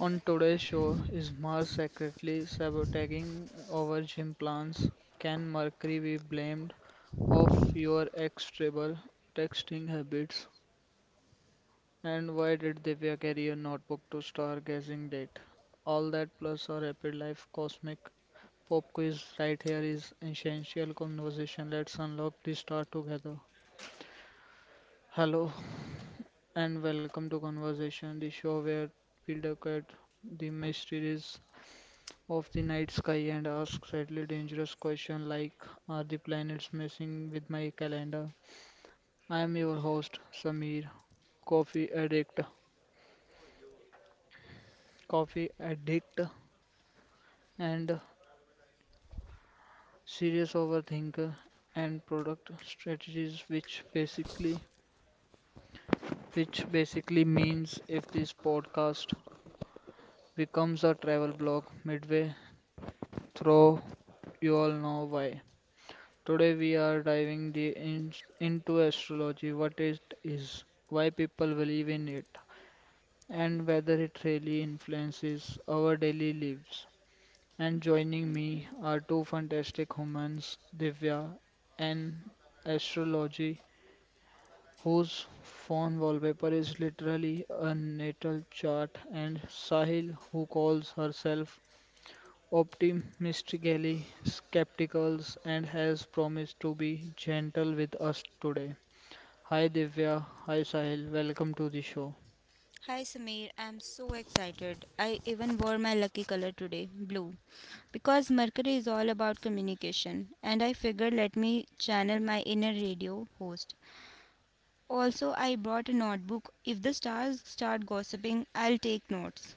On today's show, is Mars secretly sabotaging our gym plans? Can Mercury be blamed of your ex-tribal texting habits? And why did Divya carry a notebook to stargazing date? All that plus our rapid life cosmic pop quiz right here is essential conversation. Let's unlock the star together. Hello and welcome to Conversation, the show where we look at the mysteries of the night sky and ask slightly dangerous questions like, are the planets messing with my calendar? I am your host, Samir, coffee addict, coffee addict, and serious overthinker and product strategies which basically means if this podcast becomes a travel blog midway through, you all know why. Today we are diving into astrology, what it is, why people believe in it, and whether it really influences our daily lives. And joining me are two fantastic humans, Divya and astrology, whose phone wallpaper is literally a natal chart, and Sahil, who calls herself optimistically skeptical and has promised to be gentle with us today. Hi Divya, hi Sahil, welcome to the show. I'm so excited. I even wore my lucky color today, blue, because Mercury is all about communication, and I figured let me channel my inner radio host. Also, I brought a notebook. If the stars start gossiping, I'll take notes.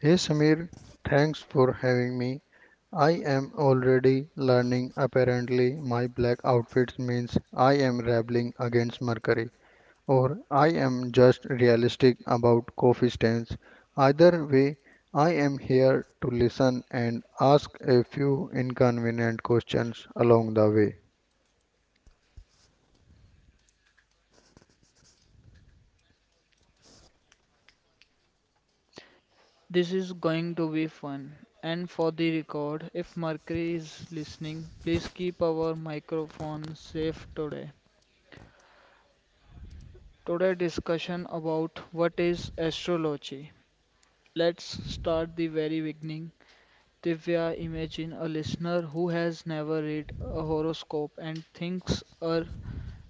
Hey Samir, thanks for having me. I am already learning. Apparently, my black outfits means I am rebelling against Mercury, or I am just realistic about coffee stains. Either way, I am here to listen and ask a few inconvenient questions along the way. This is going to be fun. And for the record, if Mercury is listening, please keep our microphone safe today. Today discussion about what is astrology. Let's start the very beginning. Divya, imagine a listener who has never read a horoscope and thinks a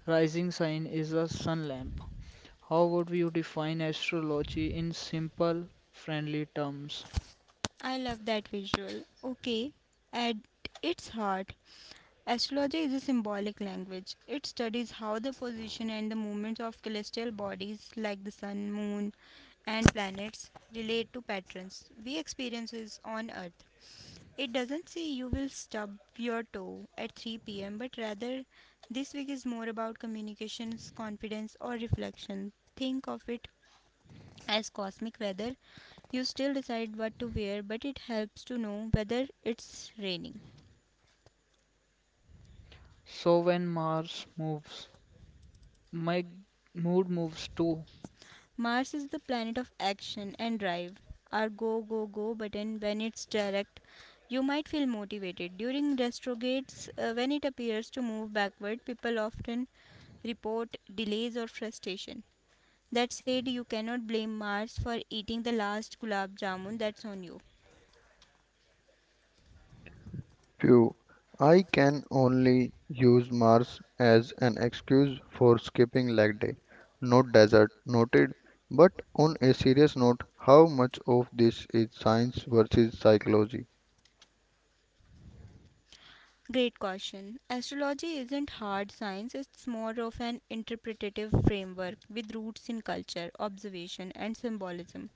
rising sign is a sun lamp. How would you define astrology in simple, friendly terms? I love that visual. Okay, at its heart, astrology is a symbolic language. It studies how the position and the movements of celestial bodies like the sun, moon, and planets relate to patterns we experiences on earth. It doesn't say you will stub your toe at 3 p.m., but rather this week is more about communications, confidence, or reflection. Think of it as cosmic weather. You still decide what to wear, but it helps to know whether it's raining. So when Mars moves, my mood moves too. Mars is the planet of action and drive. Our go, go, go button, when it's direct, you might feel motivated. During retrogrades, when it appears to move backward, people often report delays or frustration. That said, you cannot blame Mars for eating the last gulab jamun. That's on you. Phew, I can only use Mars as an excuse for skipping leg day. Not desert, noted. But on a serious note, how much of this is science versus psychology? Great question. Astrology isn't hard science, it's more of an interpretative framework with roots in culture, observation, and symbolism.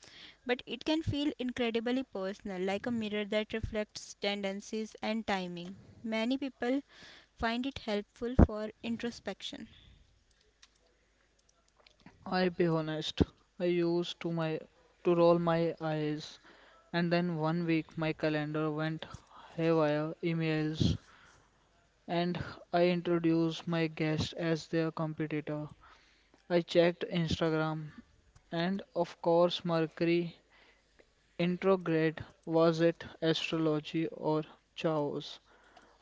But it can feel incredibly personal, like a mirror that reflects tendencies and timing. Many people find it helpful for introspection. I be honest, I used to roll my eyes, and then 1 week my calendar went haywire, emails, and I introduced my guest as their competitor. I checked Instagram, and of course Mercury Intrograde, was it astrology or chaos?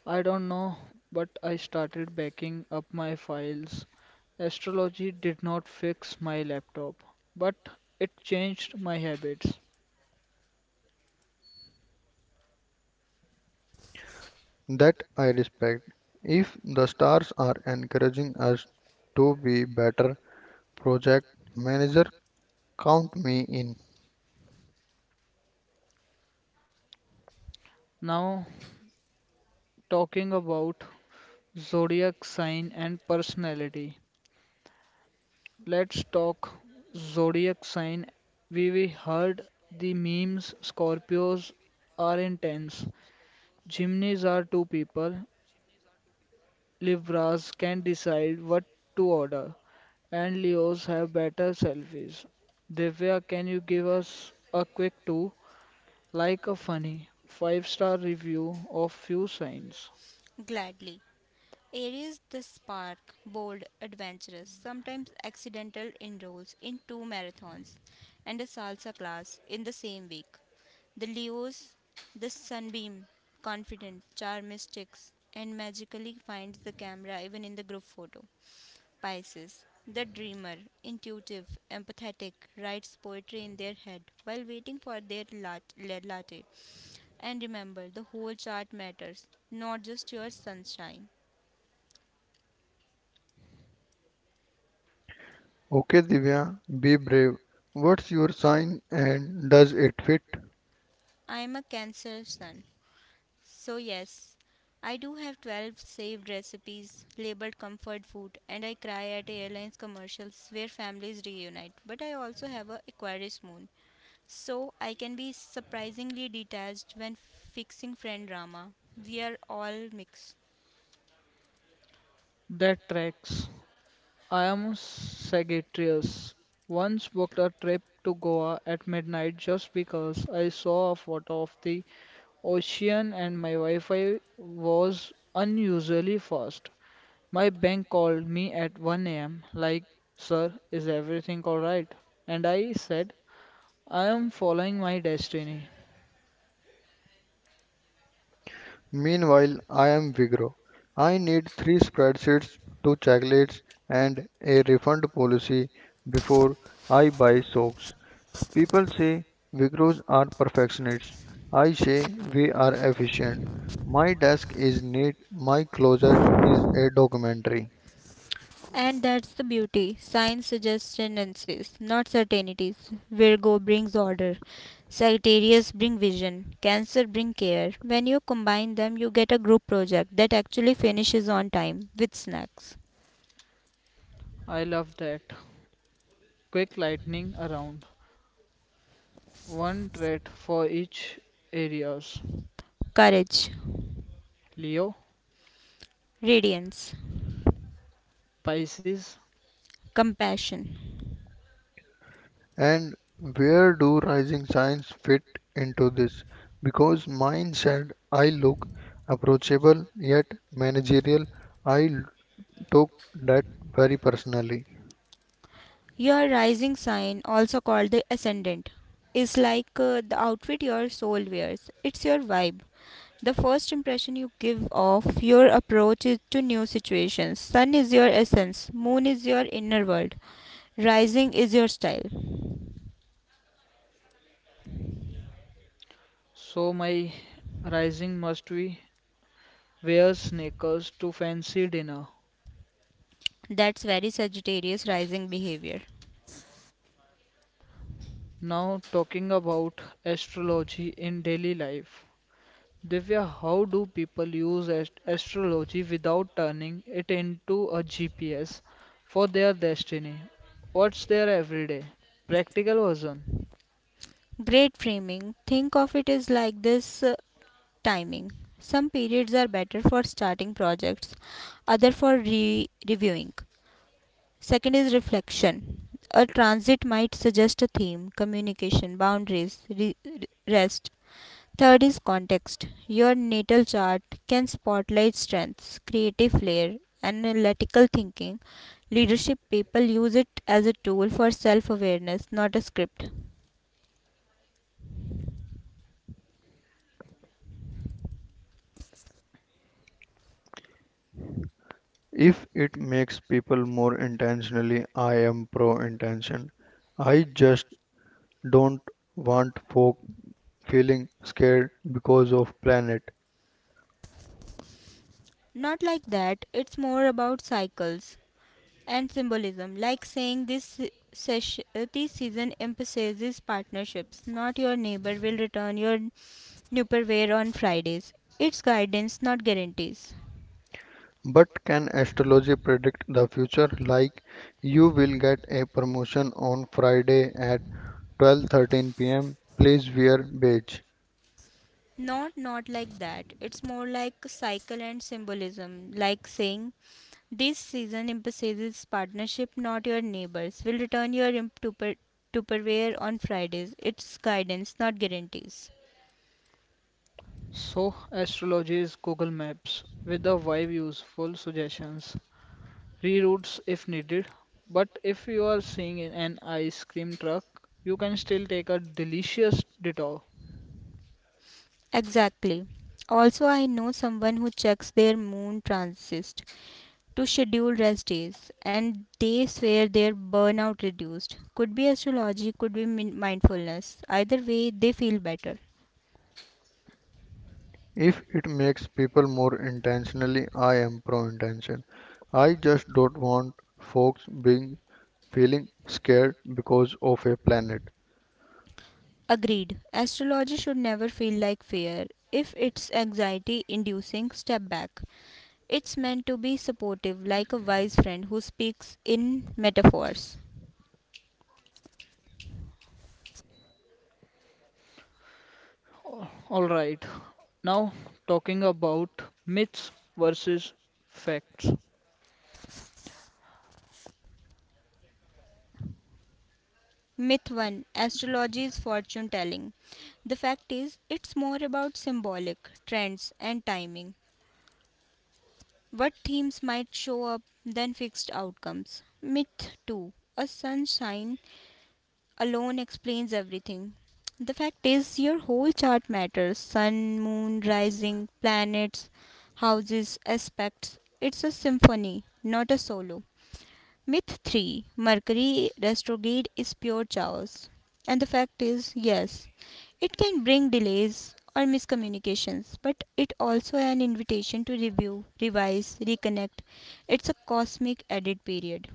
I don't know, but I started backing up my files. Astrology did not fix my laptop, but it changed my habits. That I respect. If the stars are encouraging us to be better project manager, count me in. Now, talking about zodiac sign and personality. Let's talk zodiac sign. We heard the memes. Scorpios are intense, Geminis are two people, Libras can decide what to order, and Leos have better selfies. Divya, can you give us a quick two, like a funny five-star review of few signs Gladly. Aries the spark, bold, adventurous, sometimes accidental enrolls in two marathons and a salsa class in the same week. The Leos, the sunbeam, confident, charmistics, and magically finds the camera even in the group photo. Pisces, the dreamer, intuitive, empathetic, writes poetry in their head while waiting for their lead latte. And remember, the whole chart matters, not just your sunshine. Okay, Divya, be brave. What's your sign and does it fit? I'm a Cancer Sun. So, yes, I do have 12 saved recipes labeled comfort food, and I cry at airlines commercials where families reunite. But I also have a Aquarius moon, so I can be surprisingly detached when fixing friend drama. We are all mixed. that tracks? I am Sagittarius. Once booked a trip to Goa at midnight just because I saw a photo of the ocean and my Wi-Fi was unusually fast. My bank called me at 1 a.m. like, sir, is everything alright? And I said, I am following my destiny. Meanwhile, I am Vigro. I need three spreadsheets, two checklists, and a refund policy before I buy socks. People say Vigros are perfectionists. I say we are efficient. My desk is neat, my closet is a documentary. And that's the beauty. Science suggests tendencies, not certainties. Virgo brings order. Sagittarius bring vision. Cancer bring care. When you combine them, you get a group project that actually finishes on time with snacks. I love that. Quick lightning around. One trait for each areas. Courage, Leo, radiance, Pisces. compassion. And where do Rising Science fit into this? Because mine said I look approachable yet managerial. I took that very personally. Your rising sign, also called the ascendant, is like the outfit your soul wears. It's your vibe. The first impression you give of your approach is to new situations. Sun is your essence, moon is your inner world, rising is your style. So my rising must be wear sneakers to fancy dinner. That's very Sagittarius rising behavior. Now talking about astrology in daily life. Divya, how do people use astrology without turning it into a GPS for their destiny? What's their everyday practical version? Great framing. Think of it as like this timing. Some periods are better for starting projects, other for reviewing. Second is reflection. A transit might suggest a theme, communication, boundaries, rest. Third is context. Your natal chart can spotlight strengths, creative flair, analytical thinking. Leadership people use it as a tool for self awareness, not a script. If it makes people more intentionally, I am pro intention. I just don't want folk feeling scared because of planet. Not like that, it's more about cycles and symbolism, like saying this. Session, this season emphasizes partnerships. Not your neighbor will return your Nupperware on Fridays. It's guidance, not guarantees. But can astrology predict the future like you will get a promotion on Friday at 12:13 p.m.? Please wear beige. Not like that. It's more like cycle and symbolism, like saying this season emphasizes partnership, not your neighbors. Will return your tupperware on Fridays. It's guidance, not guarantees. So, astrology is Google Maps with a wide useful suggestions, reroutes if needed. But if you are seeing in an ice cream truck, you can still take a delicious detour. Exactly. Also, I know someone who checks their moon transist to schedule rest days, and they swear their burnout reduced. Could be astrology, could be mindfulness. Either way, they feel better. If it makes people more intentionally, I am pro intention. I just don't want folks being feeling scared because of a planet. Agreed. Astrology should never feel like fear. If it's anxiety inducing, step back. It's meant to be supportive, like a wise friend who speaks in metaphors. All right, now talking about myths versus facts. Myth 1, astrology is fortune telling. The fact is, it's more about symbolic trends and timing. What themes might show up than fixed outcomes. Myth 2, a sun sign alone explains everything. The fact is, your whole chart matters: sun, moon, rising, planets, houses, aspects. It's a symphony, not a solo. Myth 3, Mercury retrograde is pure chaos. And the fact is, yes, it can bring delays or miscommunications, but it also an invitation to review, revise, reconnect. It's a cosmic edit period.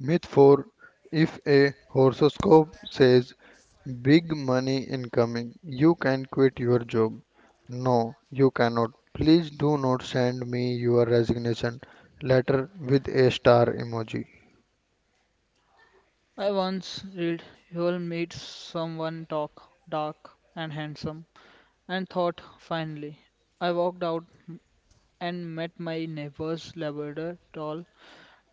Myth 4, if a horoscope says big money incoming, you can quit your job. No, you cannot. Please do not send me your resignation letter with a star emoji. I once read you'll meet someone talk dark and handsome and thought finally. I walked out and met my neighbor's Labrador, tall,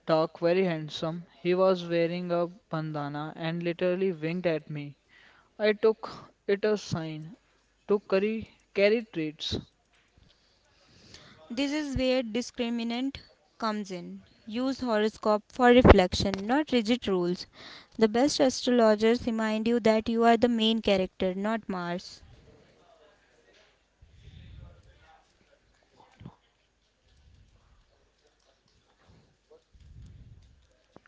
dark, very handsome. He was wearing a bandana and literally winked at me. I took it as sign to carry treats. This is where discriminant comes in. Use horoscope for reflection, not rigid rules. The best astrologers remind you that you are the main character, not Mars.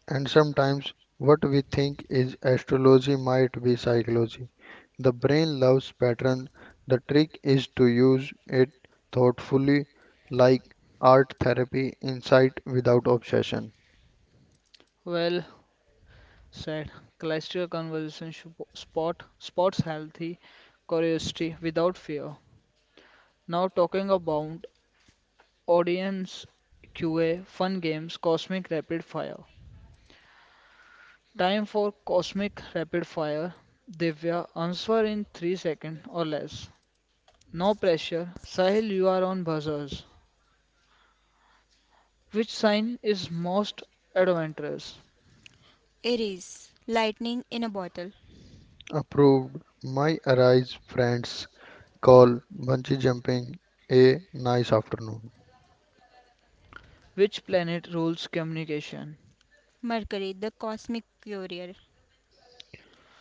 And sometimes what we think is astrology might be psychology. The brain loves pattern. The trick is to use it thoughtfully, like art therapy, insight without obsession. Well said. Cholesterol conversation spots healthy curiosity without fear. Now talking about audience QA Fun Games Cosmic Rapid Fire. Time for Cosmic Rapid Fire. Divya, answer in 3 seconds or less. No pressure. Sahil, you are on buzzers. Which sign is most adventurous? Aries, lightning in a bottle. Approved. My arise friends call bungee jumping a nice afternoon. Which planet rules communication? Mercury, the cosmic courier.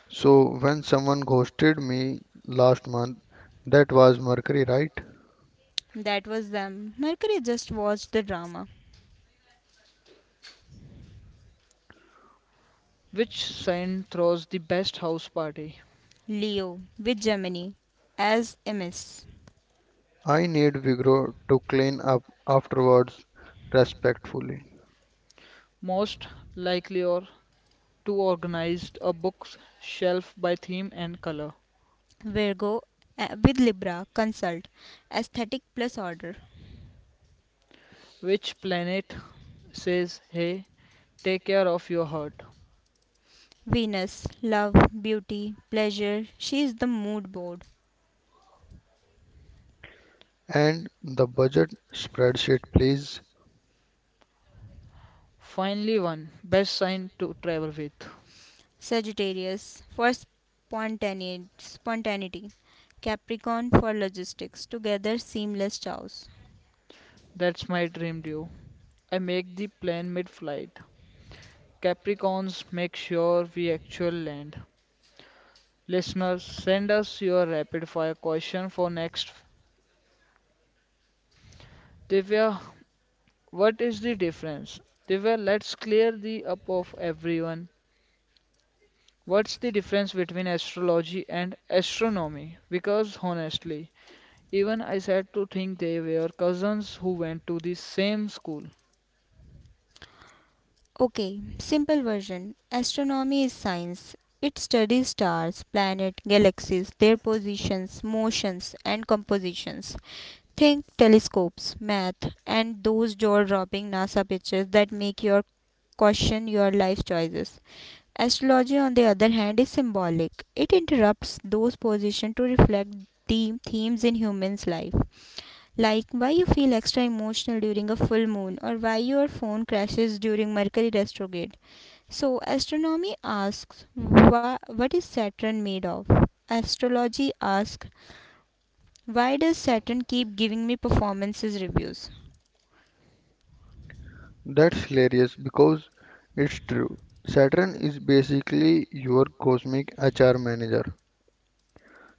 So when someone ghosted me last month, that was Mercury, right? That was them. Mercury just watched the drama. Which sign throws the best house party? Leo, with Gemini, as MS. I need Vigro to clean up afterwards respectfully. Most likely or to organize a bookshelf by theme and color? Virgo, with Libra, consult. Aesthetic plus order. Which planet says hey, take care of your heart. Venus, love, beauty, pleasure. She is the mood board. And the budget spreadsheet, please. Finally, one best sign to travel with. Sagittarius, for spontaneity. Capricorn, for logistics. Together, seamless chaos. That's my dream due. I make the plan mid flight. Capricorns, make sure we actual land. Listeners, send us your rapid fire question for next. Divya, what is the difference? Divya, let's clear the up of everyone. What's the difference between astrology and astronomy? Because honestly, even I had to think they were cousins who went to the same school. Okay, simple version. Astronomy is science. It studies stars, planets, galaxies, their positions, motions, and compositions. Think telescopes, math, and those jaw dropping NASA pictures that make you question your life choices. Astrology, on the other hand, is symbolic. It interrupts those positions to reflect the themes in human's life, like why you feel extra emotional during a full moon or why your phone crashes during Mercury retrograde. So, astronomy asks, "Wha- What is Saturn made of?" Astrology asks, "Why does Saturn keep giving me performances reviews?" That's hilarious because it's true. Saturn is basically your cosmic HR manager.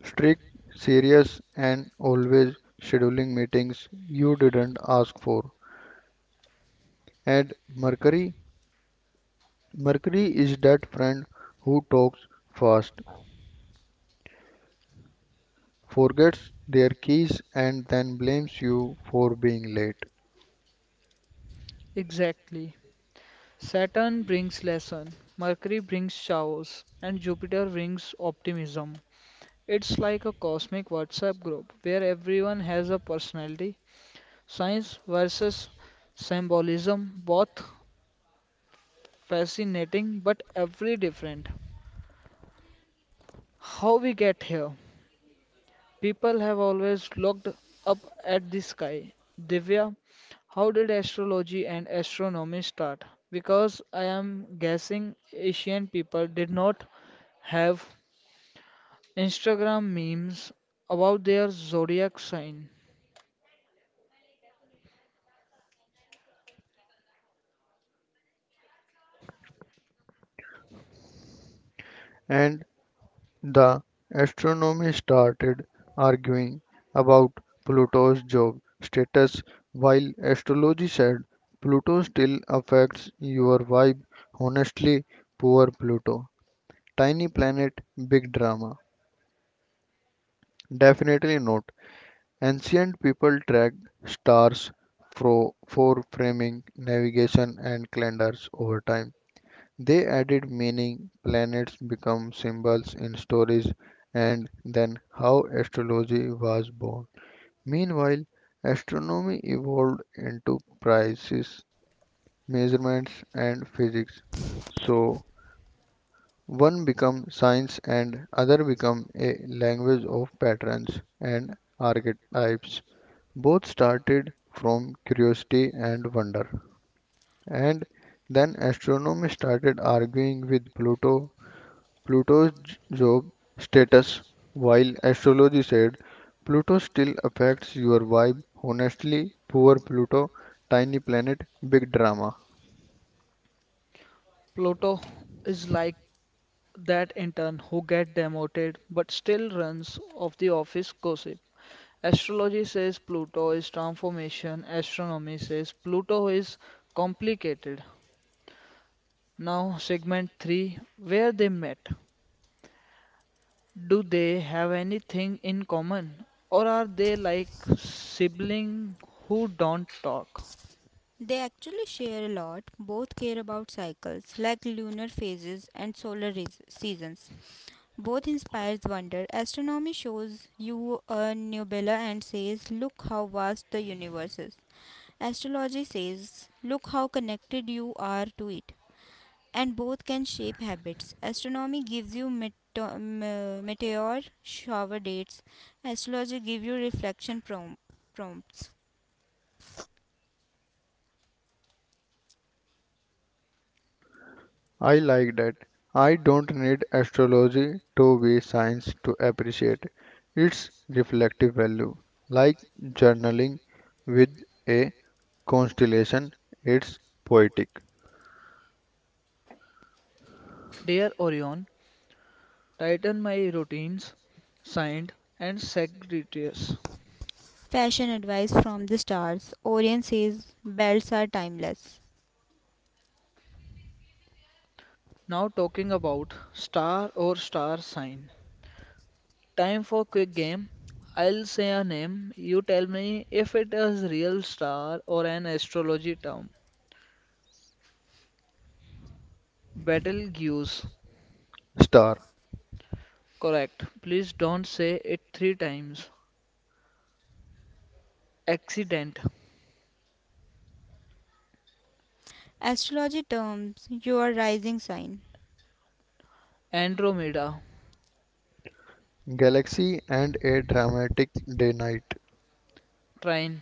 Strict, serious, and always scheduling meetings you didn't ask for. And Mercury, Mercury is that friend who talks fast, forgets their keys, and then blames you for being late. Exactly. Saturn brings lesson, Mercury brings showers, and Jupiter brings optimism. It's like a cosmic WhatsApp group where everyone has a personality. Science versus symbolism, both fascinating but every different. How we get here? People have always looked up at the sky. Divya, how did astrology and astronomy start? Because I am guessing Asian people did not have Instagram memes about their zodiac sign. And the astronomy started arguing about Pluto's job status while astrology said Pluto still affects your vibe. Honestly, poor Pluto. Tiny planet, big drama. Definitely not. Ancient people tracked stars for framing, navigation, and calendars over time. They added meaning, planets become symbols in stories, and then how astrology was born. Meanwhile, astronomy evolved into precise measurements and physics. So one became science and other became a language of patterns and archetypes. Both started from curiosity and wonder. And then astronomy started arguing with Pluto Pluto's job status, while astrology said, Pluto still affects your vibe. Honestly, poor Pluto, tiny planet, big drama. Pluto is like that intern who get demoted but still runs of the office gossip. Astrology says Pluto is transformation, astronomy says Pluto is complicated. Now, segment 3 where they met. Do they have anything in common? Or are they like siblings who don't talk? They actually share a lot. Both care about cycles, like lunar phases and solar seasons. Both inspires wonder. Astronomy shows you a nebula and says, "Look how vast the universe is." Astrology says, "Look how connected you are to it." And both can shape habits. Astronomy gives you meteor shower dates, astrology gives you prompts. I like that. I don't need astrology to be science to appreciate its reflective value. Like journaling with a constellation, it's poetic. Dear Orion, tighten my routines. Signed and Sagittarius. Fashion advice from the stars. Orion says belts are timeless. Now, talking about star or star sign. Time for quick game. I'll say a name. You tell me if it is real star or an astrology term. Betelgeuse. Star, Correct. Please don't say it three times. Accident, Astrology terms your rising sign. Andromeda, galaxy, and a dramatic day night. Trine,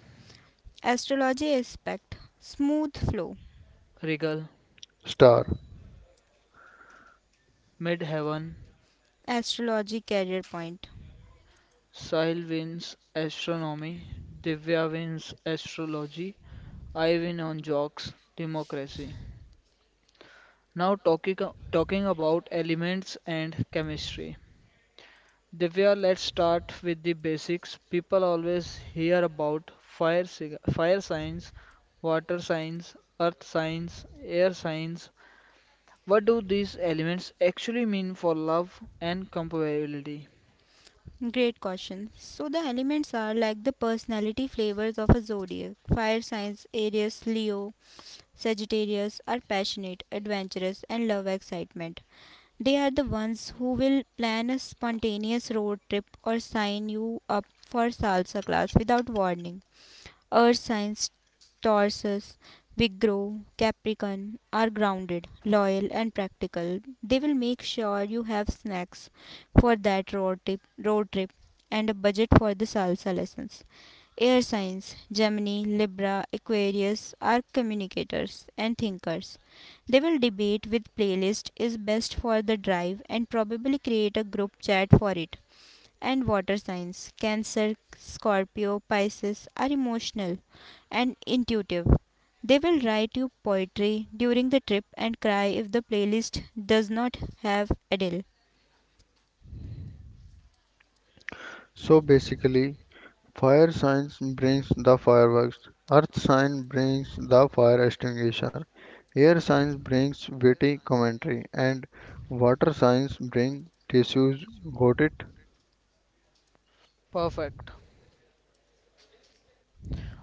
Astrology aspect smooth flow. Regal, Star. Midheaven, Astrology career point. Sahil wins Astronomy, Divya wins Astrology, I win on Jocks, Democracy. Now talking about elements and chemistry. Divya, let's start with the basics. People always hear about fire signs, water signs, earth signs, air signs. What do these elements actually mean for love and compatibility? Great question. So the elements are like the personality flavors of a zodiac. Fire signs Aries, Leo, Sagittarius are passionate, adventurous and love excitement. They are the ones who will plan a spontaneous road trip or sign you up for salsa class without warning. Earth signs Taurus, Virgo, Capricorn are grounded, loyal, and practical. They will make sure you have snacks for that road trip and a budget for the salsa lessons. Air signs Gemini, Libra, Aquarius are communicators and thinkers. They will debate which playlist is best for the drive and probably create a group chat for it, and water signs Cancer, Scorpio, Pisces are emotional and intuitive. They will write you poetry during the trip and cry if the playlist does not have Adele. So basically, fire science brings the fireworks. Earth science brings the fire extinguisher. Air science brings witty commentary. And water science brings tissues. Got it? Perfect.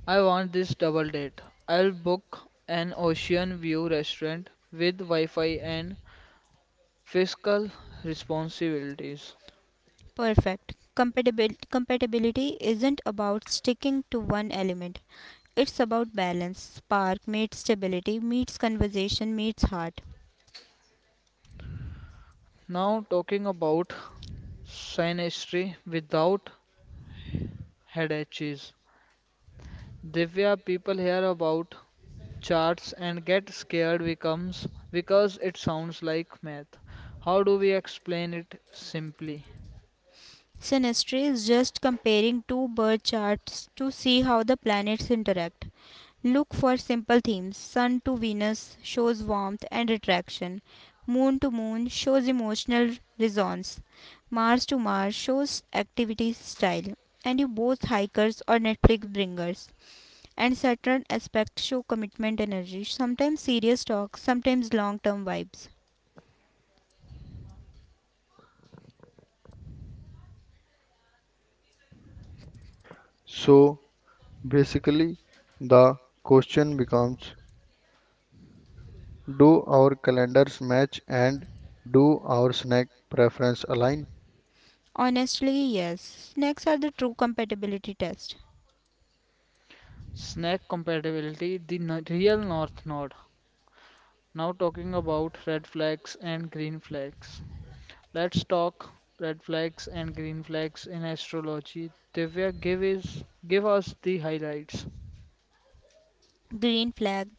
I want this double date. I'll book an ocean view restaurant with Wi Fi and fiscal responsibilities. Perfect. Compatibility isn't about sticking to one element. It's about balance. Spark meets stability, meets conversation, meets heart. Now, talking about synastry without headaches. Divya, people hear about charts and get scared becomes because it sounds like math. How do we explain it simply? Synastry is just comparing two birth charts to see how the planets interact. Look for simple themes. Sun to Venus shows warmth and attraction. Moon to Moon shows emotional resonance. Mars to Mars shows activity style. And you both hikers or Netflix bringers. And Saturn aspects show commitment energy, sometimes serious talk, sometimes long term vibes. So basically, the question becomes, do our calendars match and do our snack preference align? Honestly, yes. Next are the true compatibility test. Snack compatibility, the real North Node. Now talking about red flags and green flags. Let's talk red flags and green flags in astrology. Divya, give us the highlights. Green flag.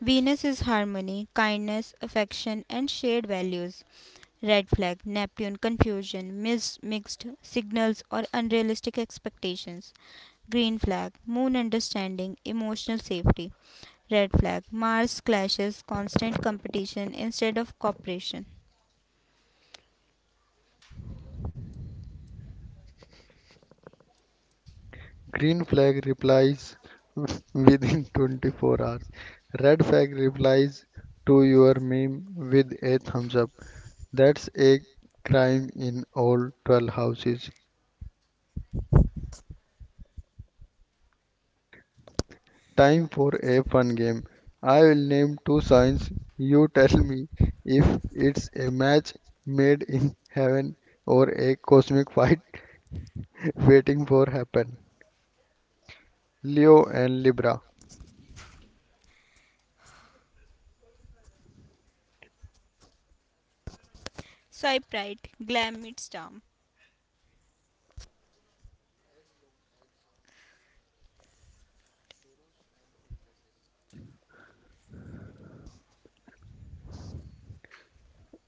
Venus is harmony, kindness, affection, and shared values. Red flag, Neptune, confusion, mismixed signals or unrealistic expectations. Green flag, Moon understanding, emotional safety. Red flag, Mars clashes, constant competition instead of cooperation. Green flag replies within 24 hours. Red flag replies to your meme with a thumbs up. That's a crime in all 12 houses. Time for a fun game. I will name two signs. You tell me if it's a match made in heaven or a cosmic fight waiting for happen. Leo and Libra. Swipe right, glam meets charm.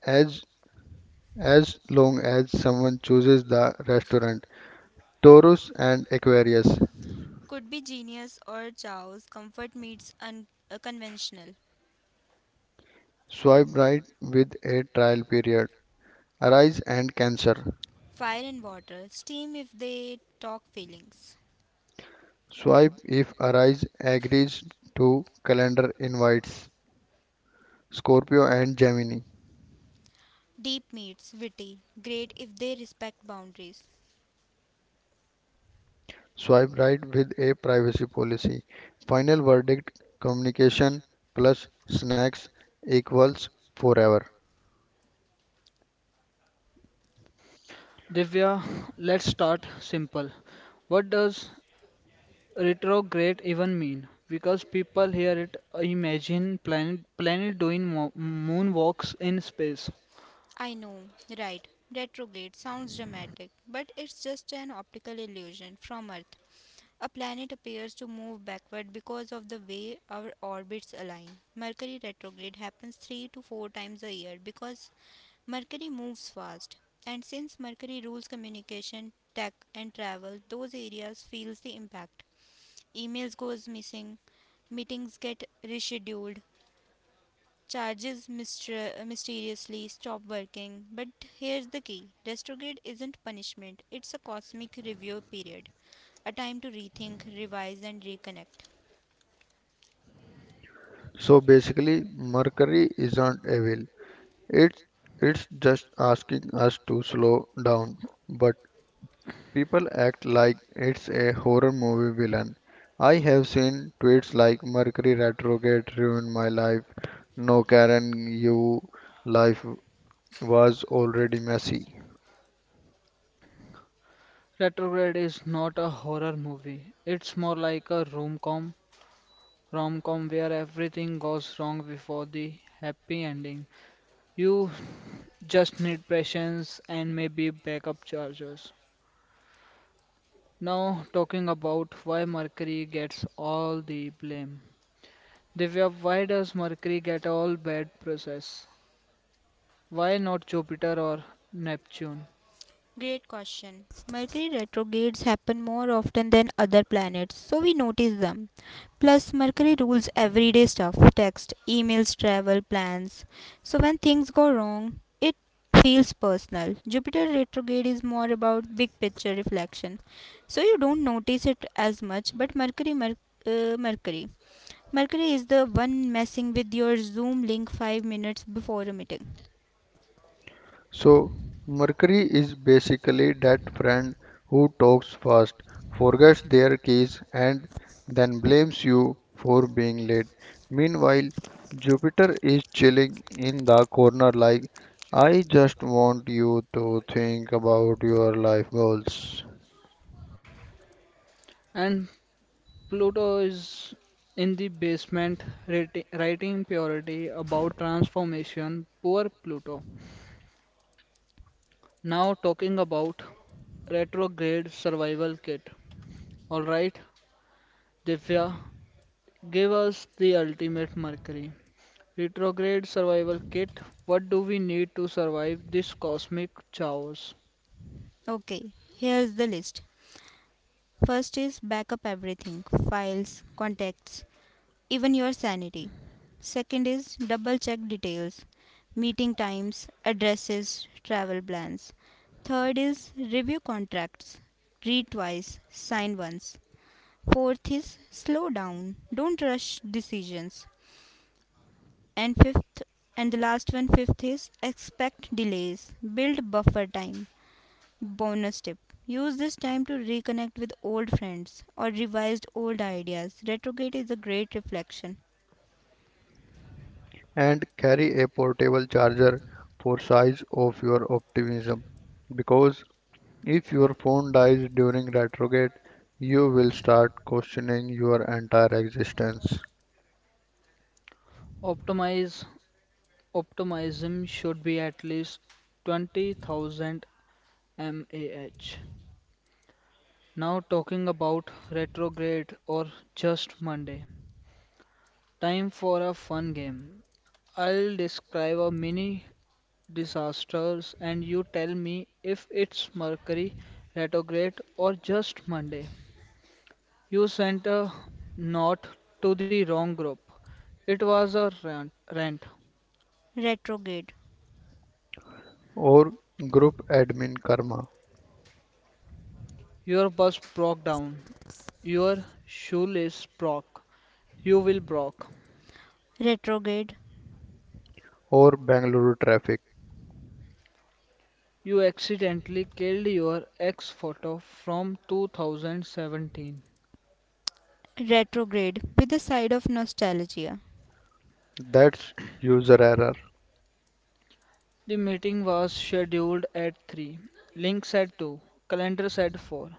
As as long as someone chooses the restaurant. Taurus and Aquarius. Could be genius or chaos, comfort meets conventional. Swipe right with a trial period. Arise and Cancer. Fire and water, steam if they talk feelings. Swipe if Arise agrees to calendar invites. Scorpio and Gemini. Deep meets witty, great if they respect boundaries. Swipe right with a privacy policy. Final verdict: communication plus snacks equals forever. Divya, let's start simple. What does retrograde even mean? Because people hear it, imagine planet doing moonwalks in space. I know, right. Retrograde sounds dramatic, but it's just an optical illusion from Earth. A planet appears to move backward because of the way our orbits align. Mercury retrograde happens 3 to 4 times a year because Mercury moves fast. And since Mercury rules communication, tech and travel, those areas feels the impact. Emails goes missing, meetings get rescheduled, charges mysteriously stop working. But here's the key: retrograde isn't punishment, it's a cosmic review period, a time to rethink, revise, and reconnect. So basically, Mercury isn't evil. It's it's just asking us to slow down, but people act like it's a horror movie villain. I have seen tweets like Mercury retrograde ruined my life. No, Karen, you life was already messy. Retrograde is not a horror movie. It's more like a rom-com rom com where everything goes wrong before the happy ending. You just need patience and maybe backup chargers. Now, talking about why Mercury gets all the blame. Divya, why does Mercury get all bad process? Why not Jupiter or Neptune? Great question. Mercury retrogrades happen more often than other planets, so we notice them. Plus, Mercury rules everyday stuff: text, emails, travel, plans. So, when things go wrong, it feels personal. Jupiter retrograde is more about big picture reflection, so you don't notice it as much. But Mercury is the one messing with your Zoom link 5 minutes before a meeting. So, Mercury is basically that friend who talks fast, forgets their keys, and then blames you for being late. Meanwhile, Jupiter is chilling in the corner like, I just want you to think about your life goals And Pluto is in the basement writing purity about transformation. Poor Pluto. Now talking about retrograde survival kit. Alright, Divya, give us the ultimate Mercury. Retrograde survival kit. What do we need to survive this cosmic chaos? Okay, here's the list. First is backup everything: files, contacts, even your sanity. Second is double check details, meeting times, addresses, travel plans. Third is review contracts, read twice, sign once. Fourth is slow down, don't rush decisions. And fifth, and the last one, fifth is expect delays, build buffer time. Bonus tip: use this time to reconnect with old friends or revised old ideas. Retrograde is a great reflection. and carry a portable charger for size of your optimism, because if your phone dies during retrograde, you will start questioning your entire existence, Optimize optimism should be at least 20,000 mAh. Now talking about retrograde or just Monday. Time for a fun game. I'll describe a mini disasters, and you tell me if it's Mercury retrograde or just Monday. You sent a note to the wrong group. It was a rant. Retrograde, or group admin karma, Your bus broke down. Your shoelace broke. You will broke. retrograde, or Bangalore traffic. You accidentally killed your ex photo from 2017. retrograde with a side of nostalgia. That's user error. The meeting was scheduled at 3. Link said 2. Calendar said 4.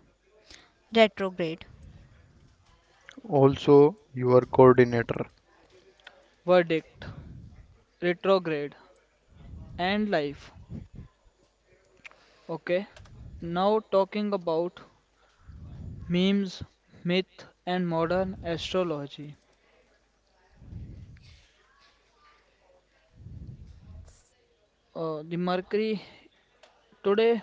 Retrograde. Also, your coordinator. Verdict. Retrograde. And life. Okay, now talking about memes, myth, and modern astrology. The Mercury today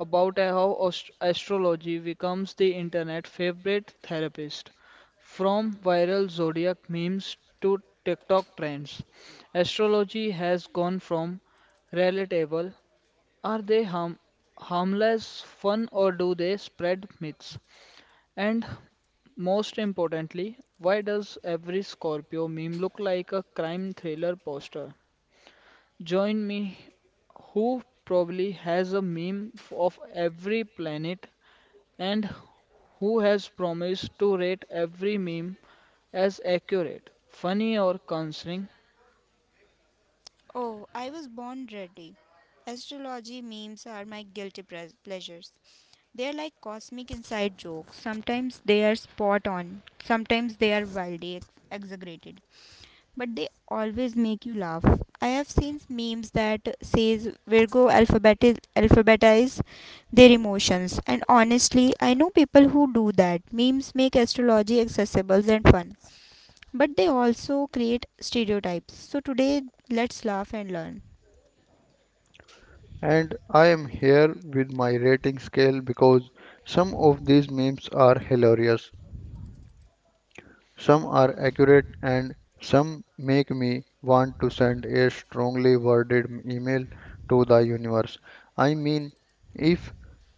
about how astrology becomes the internet favorite therapist. From viral zodiac memes to TikTok trends, astrology has gone from relatable, are they harm, harmless fun or do they spread myths. And most importantly, why does every Scorpio meme look like a crime thriller poster? Join me, who probably has a of every planet, and who has promised to rate every meme as accurate, funny, or concerning. Oh, I was born ready. Astrology memes are my guilty pleasures. They are like cosmic inside jokes. Sometimes they are spot on, sometimes they are wildly exaggerated. But they always make you laugh. I have seen memes that says Virgo alphabetize their emotions, and honestly I know people who do that. Memes make astrology accessible and fun, but they also create stereotypes. So today let's laugh and learn. And I am here with my rating scale because some of these memes are hilarious. Some are accurate and some make me want to send a strongly worded email to the universe. I mean, if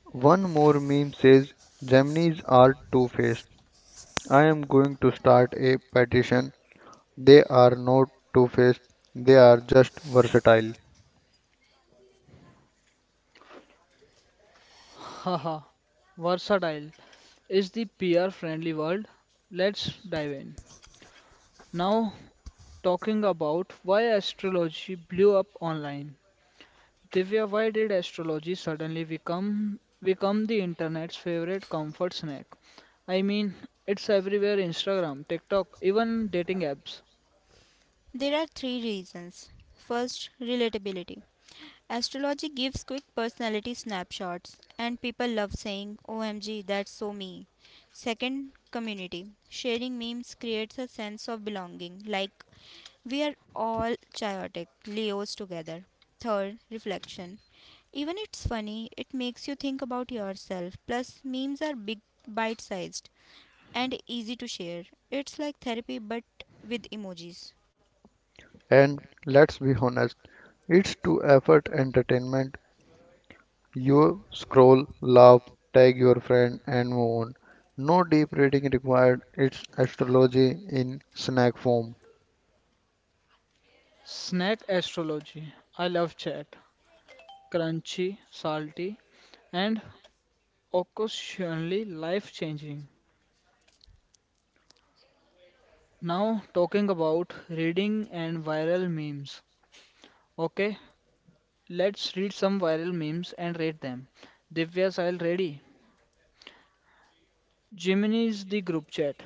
one more meme says Gemini's are two faced, I am going to start a petition. They are not two faced, they are just versatile. Haha, versatile is the PR friendly word. Let's dive in. Now, talking about why astrology blew up online. Divya, why did astrology suddenly become the internet's favorite comfort snack? I mean, it's everywhere Instagram, TikTok, even dating apps. There are three reasons. First, relatability. Astrology gives quick personality snapshots, and people love saying, OMG, that's so me. Second, community. Sharing memes creates a sense of belonging, like we are all chaotic Leos together. Third, reflection. Even it's funny, it makes you think about yourself. Plus, memes are big, bite sized, and easy to share. It's like therapy but with emojis. And let's be honest, it's too effort entertainment. You scroll, laugh, tag your friend, and move on. No deep reading required. It's astrology in snack form. Snack astrology. I love chat. Crunchy, salty, and occasionally life-changing. Now talking about reading and viral memes. Okay, let's read some viral memes and rate them. Divya's I'll ready. Gemini is the group chat.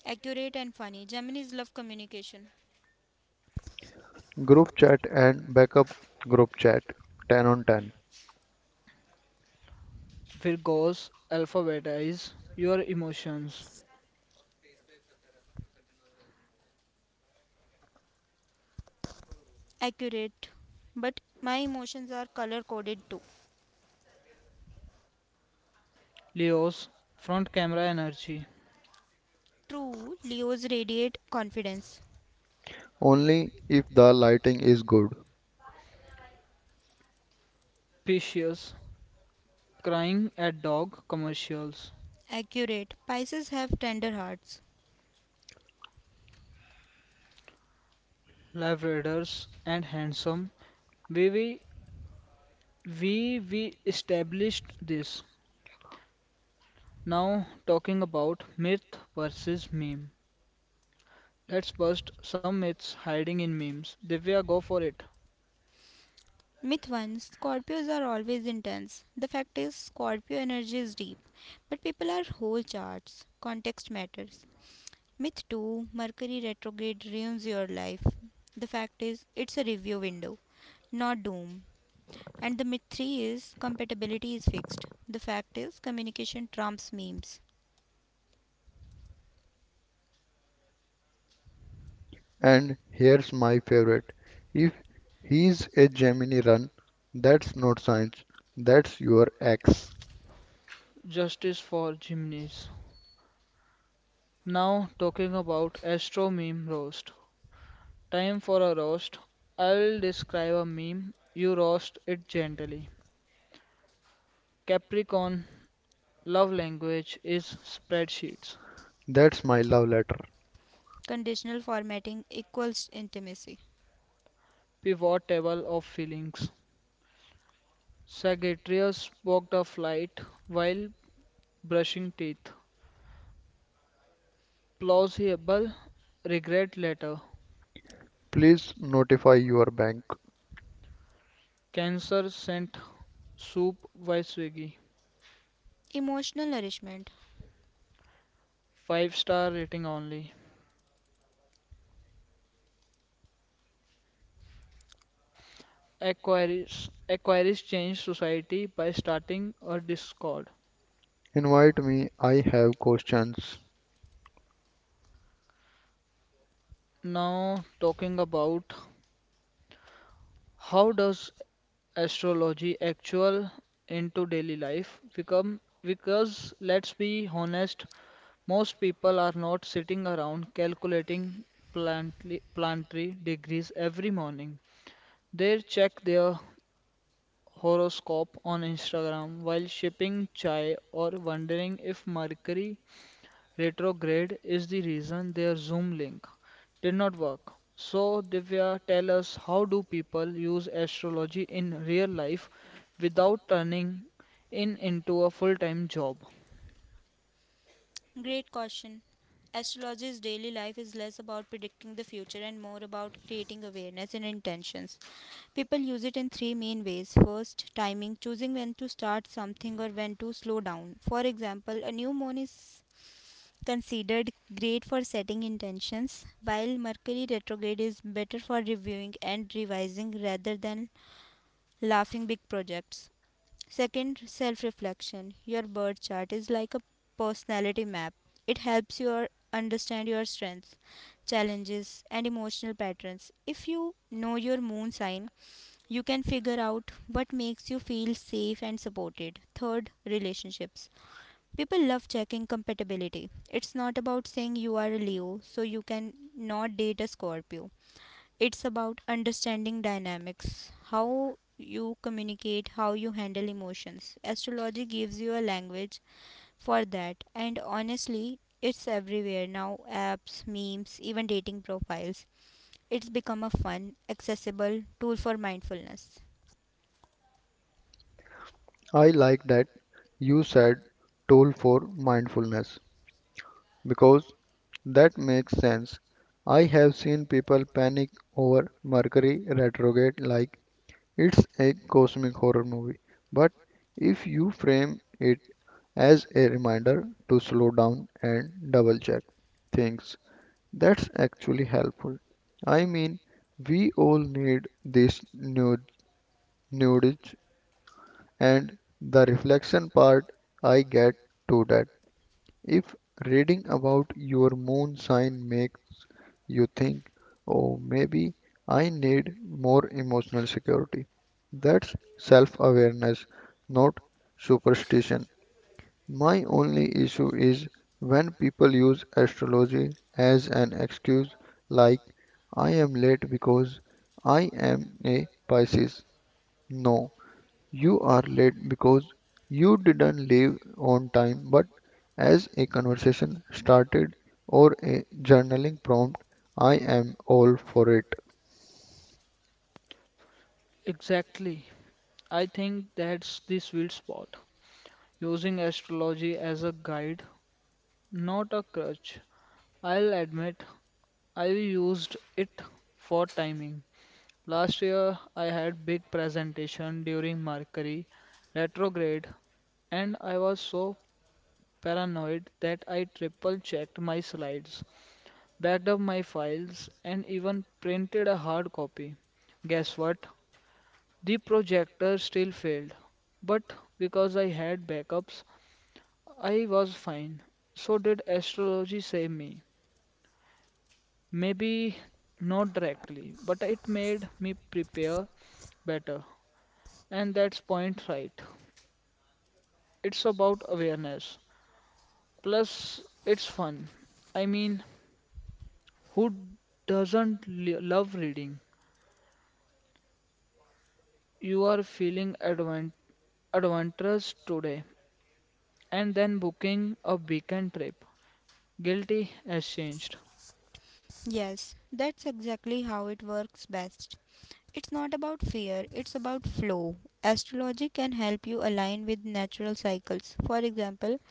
Accurate and funny. Geminis love communication. Group chat and backup group chat. 10 on 10. Virgos alphabetize your emotions. Accurate, but my emotions are color coded too. Leos front camera energy. True, Leos radiate confidence. Only if the lighting is good. Pisces crying at dog commercials. Accurate, Pisces have tender hearts. Labradors and handsome. We we we established this. Now talking about myth versus meme. Let's bust some myths hiding in memes. Divya, go for it. Myth 1: Scorpios are always intense. The fact is, Scorpio energy is deep, but people are whole charts. Context matters. Myth 2: Mercury retrograde ruins your life. The fact is, it's a review window, not doom. And the myth 3 is compatibility is fixed. The fact is, communication trumps memes. And here's my favorite. If he's a Gemini run, that's not science. That's your ex. Justice for Gymnase. Now talking about Astro Meme Roast. Time for a roast. I'll describe a meme. You roast it gently. Capricorn love language is spreadsheets. That's my love letter. Conditional formatting equals intimacy. Pivot table of feelings. Sagittarius booked a flight while brushing teeth. Plausible regret letter. Please notify your bank. Cancer sent soup via Swiggy. Emotional nourishment. Five star rating only. Aquarius changed society by starting a Discord. Invite me. I have questions. Now talking about how does astrology actual into daily life become, because let's be honest, most people are not sitting around calculating planetary degrees every morning. They check their horoscope on Instagram while shipping chai or wondering if Mercury retrograde is the reason their Zoom link did not work. So, Divya, tell us how do people use astrology in real life without turning in into a full-time job? Great caution. Astrology's daily life is less about predicting the future and more about creating awareness and intentions. People use it in 3 main ways. First, timing, choosing when to start something or when to slow down. For example, a new moon is considered great for setting intentions, while Mercury retrograde is better for reviewing and revising rather than laughing big projects. Second, self reflection. Your birth chart is like a personality map. It helps you understand your strengths, challenges, and emotional patterns. If you know your moon sign, you can figure out what makes you feel safe and supported. Third, relationships. People love checking compatibility. It's not about saying you are a Leo, so you can not date a Scorpio. It's about understanding dynamics, how you communicate, how you handle emotions. Astrology gives you a language for that, and honestly, it's everywhere now: apps, memes, even dating profiles. It's become a fun, accessible tool for mindfulness. I like that you said tool for mindfulness because that makes sense. I have seen people panic over Mercury retrograde like it's a cosmic horror movie. But if you frame it as a reminder to slow down and double check things, that's actually helpful. I mean, we all need this nudge, and the reflection part I get to that. If reading about your moon sign makes you think, oh, maybe I need more emotional security, that's self awareness, not superstition. My only issue is when people use astrology as an excuse, like I am late because I am a Pisces. No, you are late because you didn't leave on time, but as a conversation started or a journaling prompt, I am all for it. Exactly. I think that's the sweet spot. Using astrology as a guide, not a crutch. I'll admit I used it for timing. Last year I had big presentation during Mercury retrograde and I was so paranoid that I triple checked my slides, backed up my files and even printed a hard copy. Guess what? The projector still failed, but because I had backups, I was fine. So did astrology save me? Maybe not directly, but it made me prepare better. And that's point right. It's about awareness. Plus, it's fun. I mean, who doesn't love reading? You are feeling adventurous today and then booking a weekend trip. Guilty as changed. Yes, that's exactly how it works best. It's not about fear, it's about flow. Astrology can help you align with natural cycles. For example,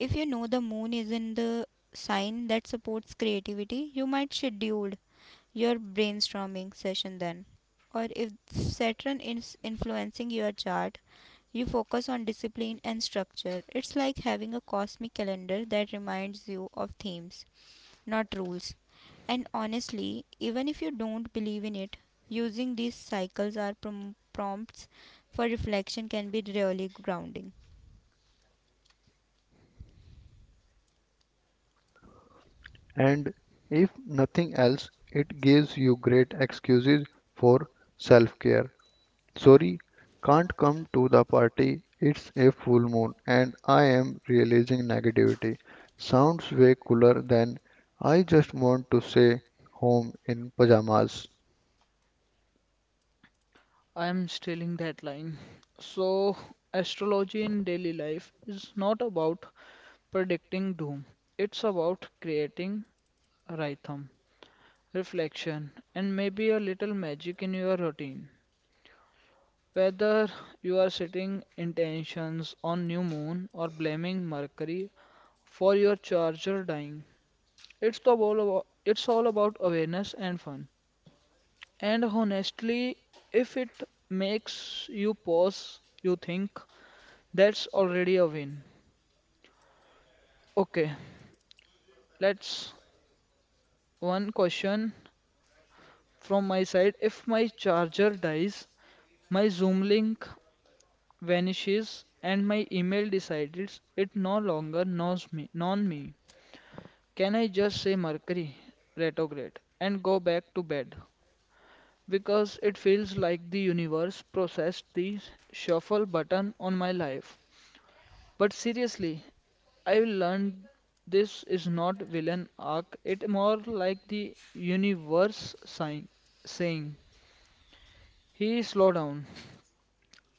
if you know the moon is in the sign that supports creativity, you might schedule your brainstorming session then. Or if Saturn is influencing your chart, you focus on discipline and structure. It's like having a cosmic calendar that reminds you of themes, not rules. And honestly, even if you don't believe in it, using these cycles as prompts for reflection can be really grounding. And if nothing else, it gives you great excuses for self care. Sorry, can't come to the party. It's a full moon and I am realizing negativity. Sounds way cooler than I just want to stay home in pajamas. I am stealing that line. So, astrology in daily life is not about predicting doom, it's about creating rhythm, reflection, and maybe a little magic in your routine. Whether you are setting intentions on new moon or blaming Mercury for your charger dying, it's all about awareness and fun. And honestly, if it makes you pause, you think that's already a win. Okay, let's one question from my side. If my charger dies, my Zoom link vanishes and my email decides it no longer knows me non me can I just say Mercury retrograde and go back to bed because it feels like the universe processed the shuffle button on my life? But seriously, I have learned this is not villain arc, it more like the universe sign, saying he slow down.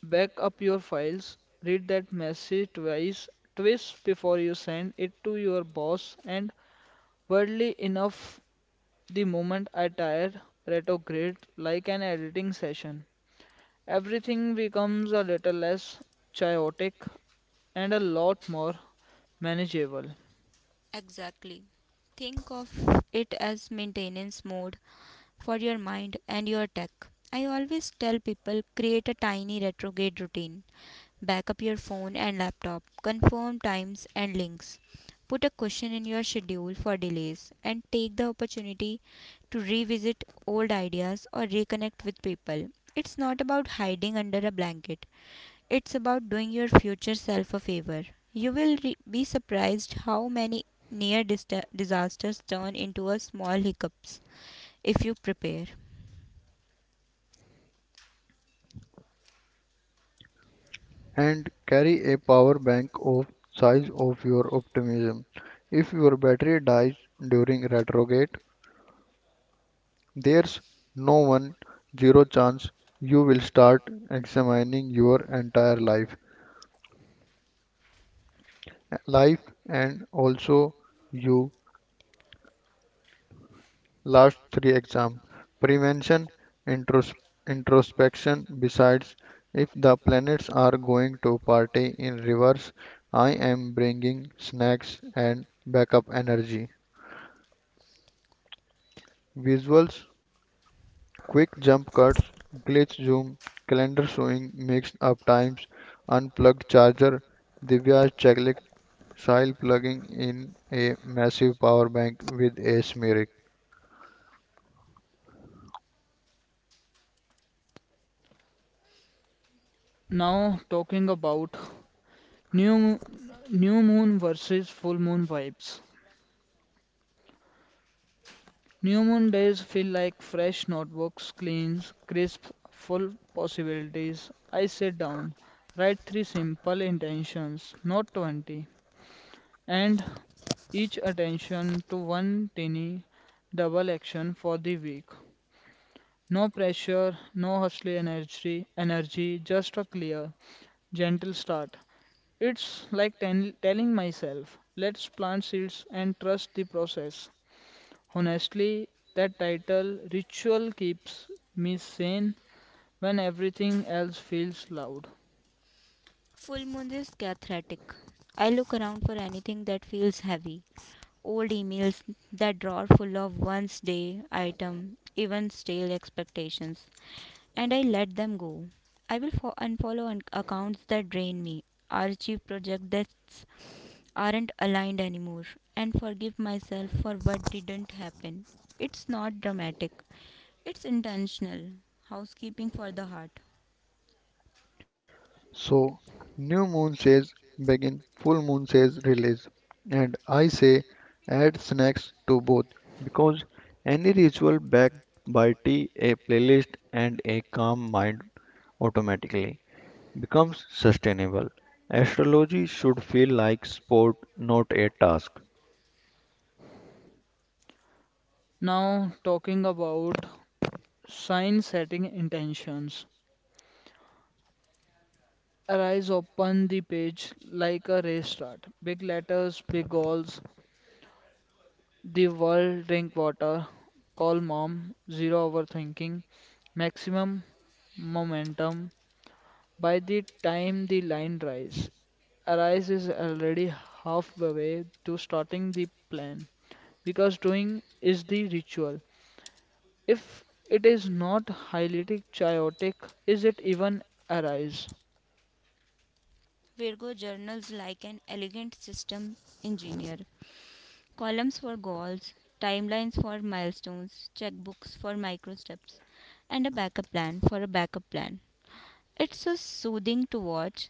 Back up your files, read that message twice before you send it to your boss, and weirdly enough, the moment I tired retrograde like an editing session. Everything becomes a little less chaotic and a lot more manageable. Exactly. Think of it as maintenance mode for your mind and your tech. I always tell people, create a tiny retrograde routine. Backup your phone and laptop. Confirm times and links. Put a cushion in your schedule for delays and take the opportunity to revisit old ideas or reconnect with people. It's not about hiding under a blanket. It's about doing your future self a favor. You will be surprised how many near dista disasters turn into a small hiccups if you prepare. And carry a power bank of size of your optimism. If your battery dies during retrograde, there's no one zero chance you will start examining your entire life, and also you last three exam prevention intros- introspection. Besides, if the planets are going to party in reverse, I am bringing snacks and backup energy. Visuals, quick jump cuts, glitch zoom, calendar showing, mixed up times, unplugged charger, Divya's checklist, Sahil plugging in a massive power bank with a smirk. Now talking about new new moon versus full moon vibes. New moon days feel like fresh notebooks, clean, crisp, full possibilities. I sit down, write three simple intentions, not 20, and each attention to one tiny double action for the week. No pressure, no hustly energy, energy, just a clear, gentle start. It's like telling myself, let's plant seeds and trust the process. Honestly, that title, Ritual, keeps me sane when everything else feels loud. Full moon is cathartic. I look around for anything that feels heavy. Old emails, that drawer full of once day item, even stale expectations, and I let them go. I will unfollow accounts that drain me, archive projects aren't aligned anymore and forgive myself for what didn't happen. It's not dramatic, it's intentional. Housekeeping for the heart. So, new moon says begin, full moon says release, and I say add snacks to both, because any ritual backed by tea, a playlist, and a calm mind automatically becomes sustainable. Astrology should feel like sport, not a task. Now, talking about sign setting intentions. Arise open the page like a race start. Big letters, big goals, the world, drink water, call mom, zero overthinking, maximum momentum. By the time the line rise, Arise is already halfway to starting the plan because doing is the ritual. If it is not highly chaotic, is it even arise? Virgo journals like an elegant system engineer. Columns for goals, timelines for milestones, checkbooks for micro steps, and a backup plan for a backup plan. It's so soothing to watch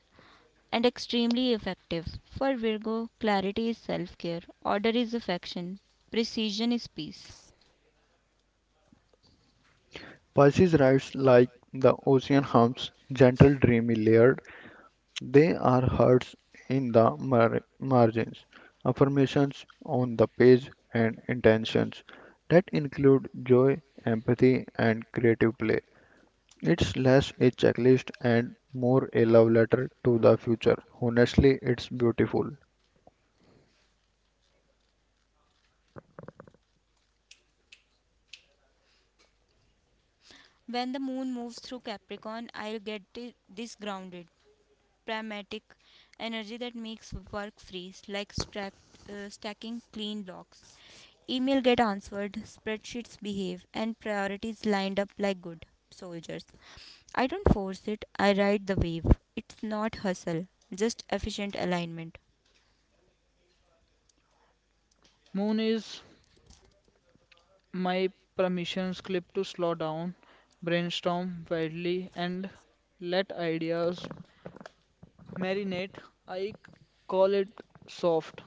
and extremely effective. For Virgo, clarity is self care, order is affection, precision is peace. Pisces rides like the ocean hums, gentle, dreamy, layered. They are hearts in the margins, affirmations on the page, and intentions that include joy, empathy, and creative play. It's less a checklist and more a love letter to the future. Honestly, it's beautiful. When the moon moves through Capricorn, I'll get this grounded, pragmatic energy that makes work free, like stacking clean blocks. Email get answered, spreadsheets behave, and priorities lined up like good soldiers. I don't force it, I ride the wave. It's not hustle, just efficient alignment. Moon is my permission slip to slow down, brainstorm widely, and let ideas marinate. I call it soft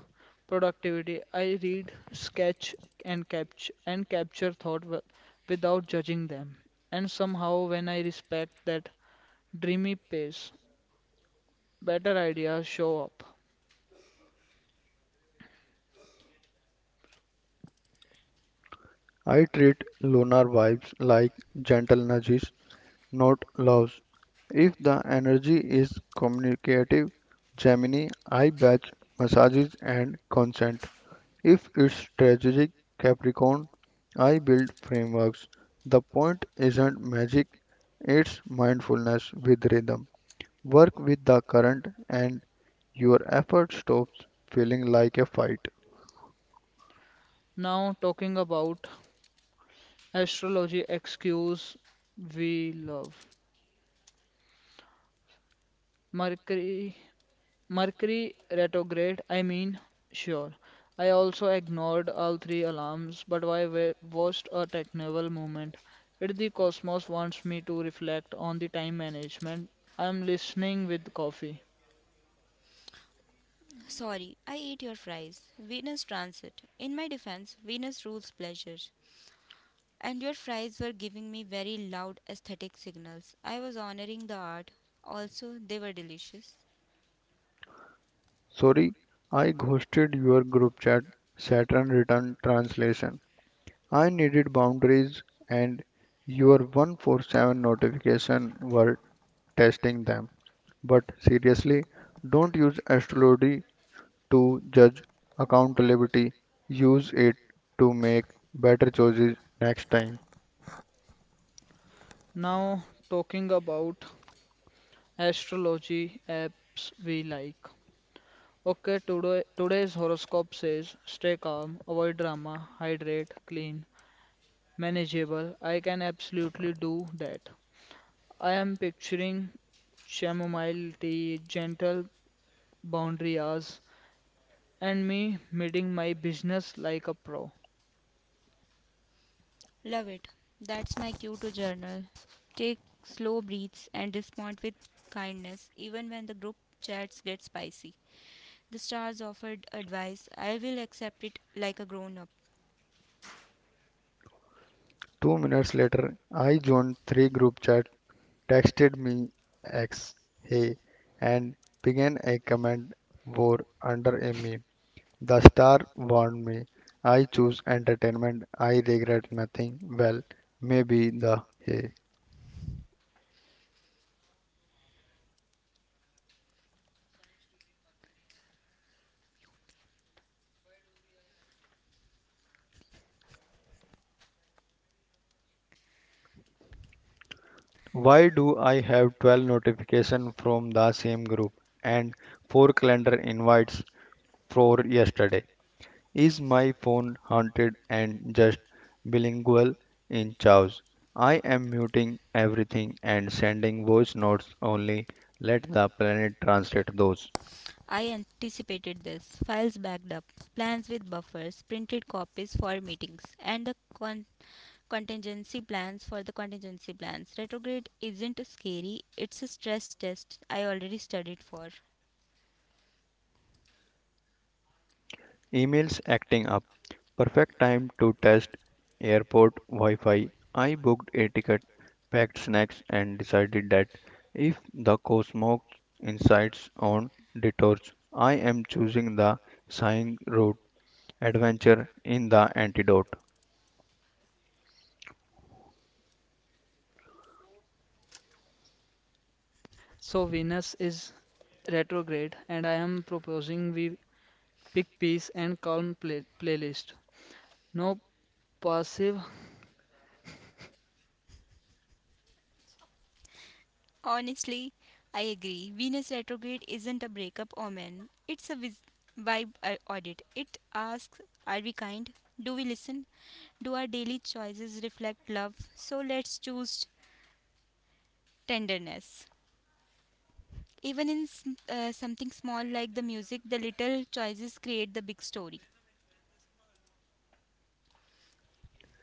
productivity. I read, sketch, and capture without judging them. And somehow, when I respect that dreamy pace, better ideas show up. I treat lunar vibes like gentle nudges, not loves. If the energy is communicative, Gemini, I batch massages and consent. If it's strategic, Capricorn, I build frameworks. The point isn't magic, it's mindfulness with rhythm. Work with the current, and your effort stops feeling like a fight. Now, talking about astrology excuse we love. Mercury Mercury retrograde, I mean, sure. I also ignored all three alarms, but watched a technical moment. If the cosmos wants me to reflect on the time management, I am listening with coffee. Sorry, I ate your fries. Venus transit. In my defense, Venus rules pleasure. And your fries were giving me very loud aesthetic signals. I was honoring the art. Also, they were delicious. Sorry, I ghosted your group chat, Saturn returned translation. I needed boundaries and your 147 notification were testing them. But seriously, don't use astrology to judge accountability. Use it to make better choices next time. Now, talking about astrology apps we like. Okay, today's horoscope says stay calm, avoid drama, hydrate, clean, manageable. I can absolutely do that. I am picturing chamomile tea, gentle boundary hours, and me meeting my business like a pro. Love it. That's my cue to journal. Take slow breaths and respond with kindness, even when the group chats get spicy. The stars offered advice. I will accept it like a grown up. 2 minutes later, I joined three group chat, texted me X, hey, and began a comment war under a meme. The star warned me. I choose entertainment. I regret nothing. Well, maybe the hay. Why do I have 12 notifications from the same group and 4 calendar invites for yesterday? Is my phone haunted and just bilingual in chows? I am muting everything and sending voice notes only. Let the planet translate those. I anticipated this. Files backed up, plans with buffers, printed copies for meetings, and the contingency plans for the contingency plans. Retrograde isn't scary, it's a stress test I already studied for. Emails acting up. Perfect time to test airport Wi Fi. I booked a ticket, packed snacks, and decided that if the co smokes insights on detours, I am choosing the Sighing route adventure in the antidote. So Venus is retrograde, and I am proposing we pick peace and calm playlist. No passive. Honestly, I agree. Venus retrograde isn't a breakup omen. It's a vibe audit. It asks, are we kind? Do we listen? Do our daily choices reflect love? So let's choose tenderness. Even in something small like the music, the little choices create the big story.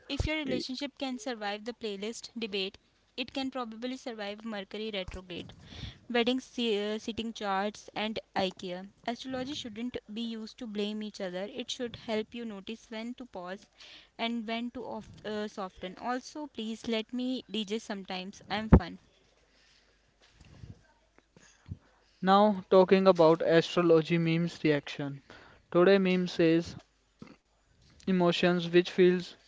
If your relationship can survive the playlist debate, it can probably survive Mercury retrograde, wedding sitting charts, and IKEA. Astrology shouldn't be used to blame each other. It should help you notice when to pause and when to soften. Also, please let me DJ sometimes. I'm fun. Now talking about astrology memes reaction. Today meme says emotions which feels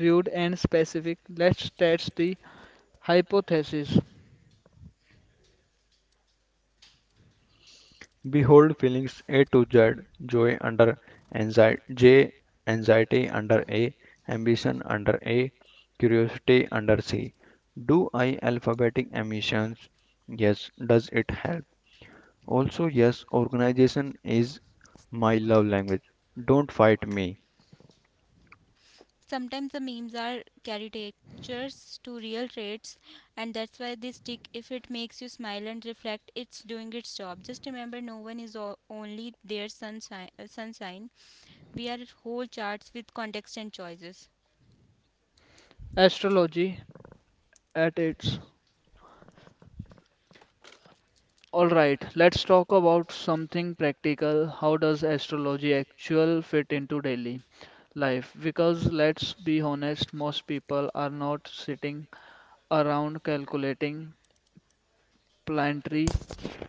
rude and specific. Let's test the hypothesis. Behold feelings A to Z, joy under anxiety, J anxiety under A, ambition under A, curiosity under C. Do I alphabetic emissions? Yes. Does it help? Also, yes, organization is my love language. Don't fight me. Sometimes the memes are caricatures to real traits, and that's why they stick. If it makes you smile and reflect, it's doing its job. Just remember, no one is only their sun sign. We are whole charts with context and choices. Astrology at its. All right, let's talk about something practical. How does astrology actual fit into daily life? Because let's be honest, most people are not sitting around calculating planetary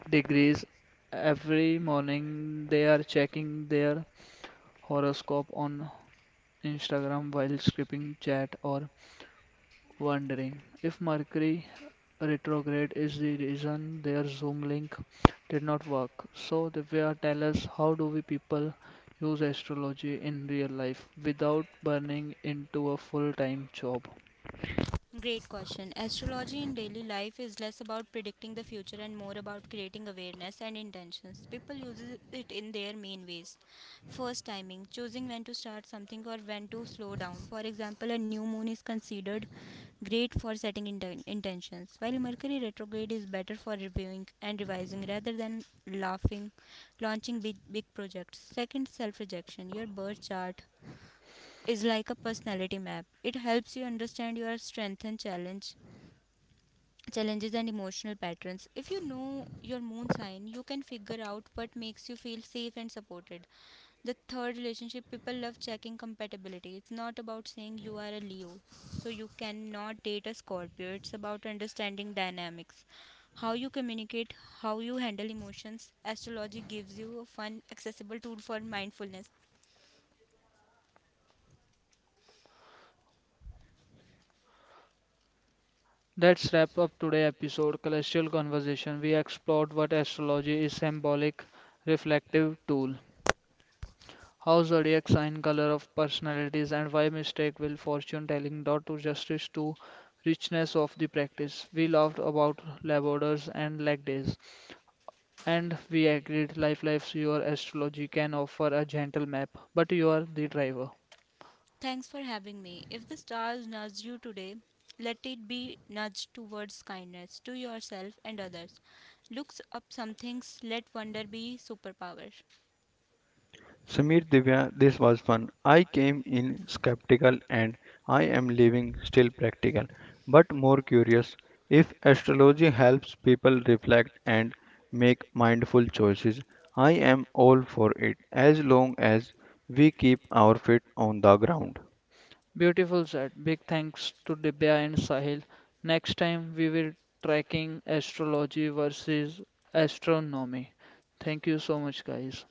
degrees every morning. They are checking their horoscope on Instagram while skipping chat or wondering if Mercury retrograde is the reason their Zoom link did not work. So, Divya, tell us how do we people use astrology in real life without burning into a full-time job? Great question. Astrology in daily life is less about predicting the future and more about creating awareness and intentions. People use it in their main ways. First, timing, choosing when to start something or when to slow down. For example, a new moon is considered great for setting intentions, while Mercury retrograde is better for reviewing and revising rather than launching big projects. Second, self rejection. Your birth chart is like a personality map. It helps you understand your strength and challenge challenges and emotional patterns. If you know your moon sign, you can figure out what makes you feel safe and supported. The third, relationship: people love checking compatibility. It's not about saying you are a Leo, so you cannot date a Scorpio. It's about understanding dynamics. How you communicate, how you handle emotions. Astrology gives you a fun, accessible tool for mindfulness. Let's wrap up today's episode, Celestial Conversation. We explored what astrology is symbolic, reflective tool. How zodiac sign color of personalities and why mistake will fortune telling dot to justice to richness of the practice. We laughed about laborders and leg days, and we agreed life lives your astrology can offer a gentle map, but you are the driver. Thanks for having me. If the stars nudge you today, let it be nudged towards kindness to yourself and others. Look up some things, let wonder be superpower. Samir Divya, this was fun. I came in skeptical and I am leaving still practical, but more curious. If astrology helps people reflect and make mindful choices, I am all for it as long as we keep our feet on the ground. Beautiful said. Big thanks to Dibya and Sahil. Next time we will tracking astrology versus astronomy. Thank you so much guys.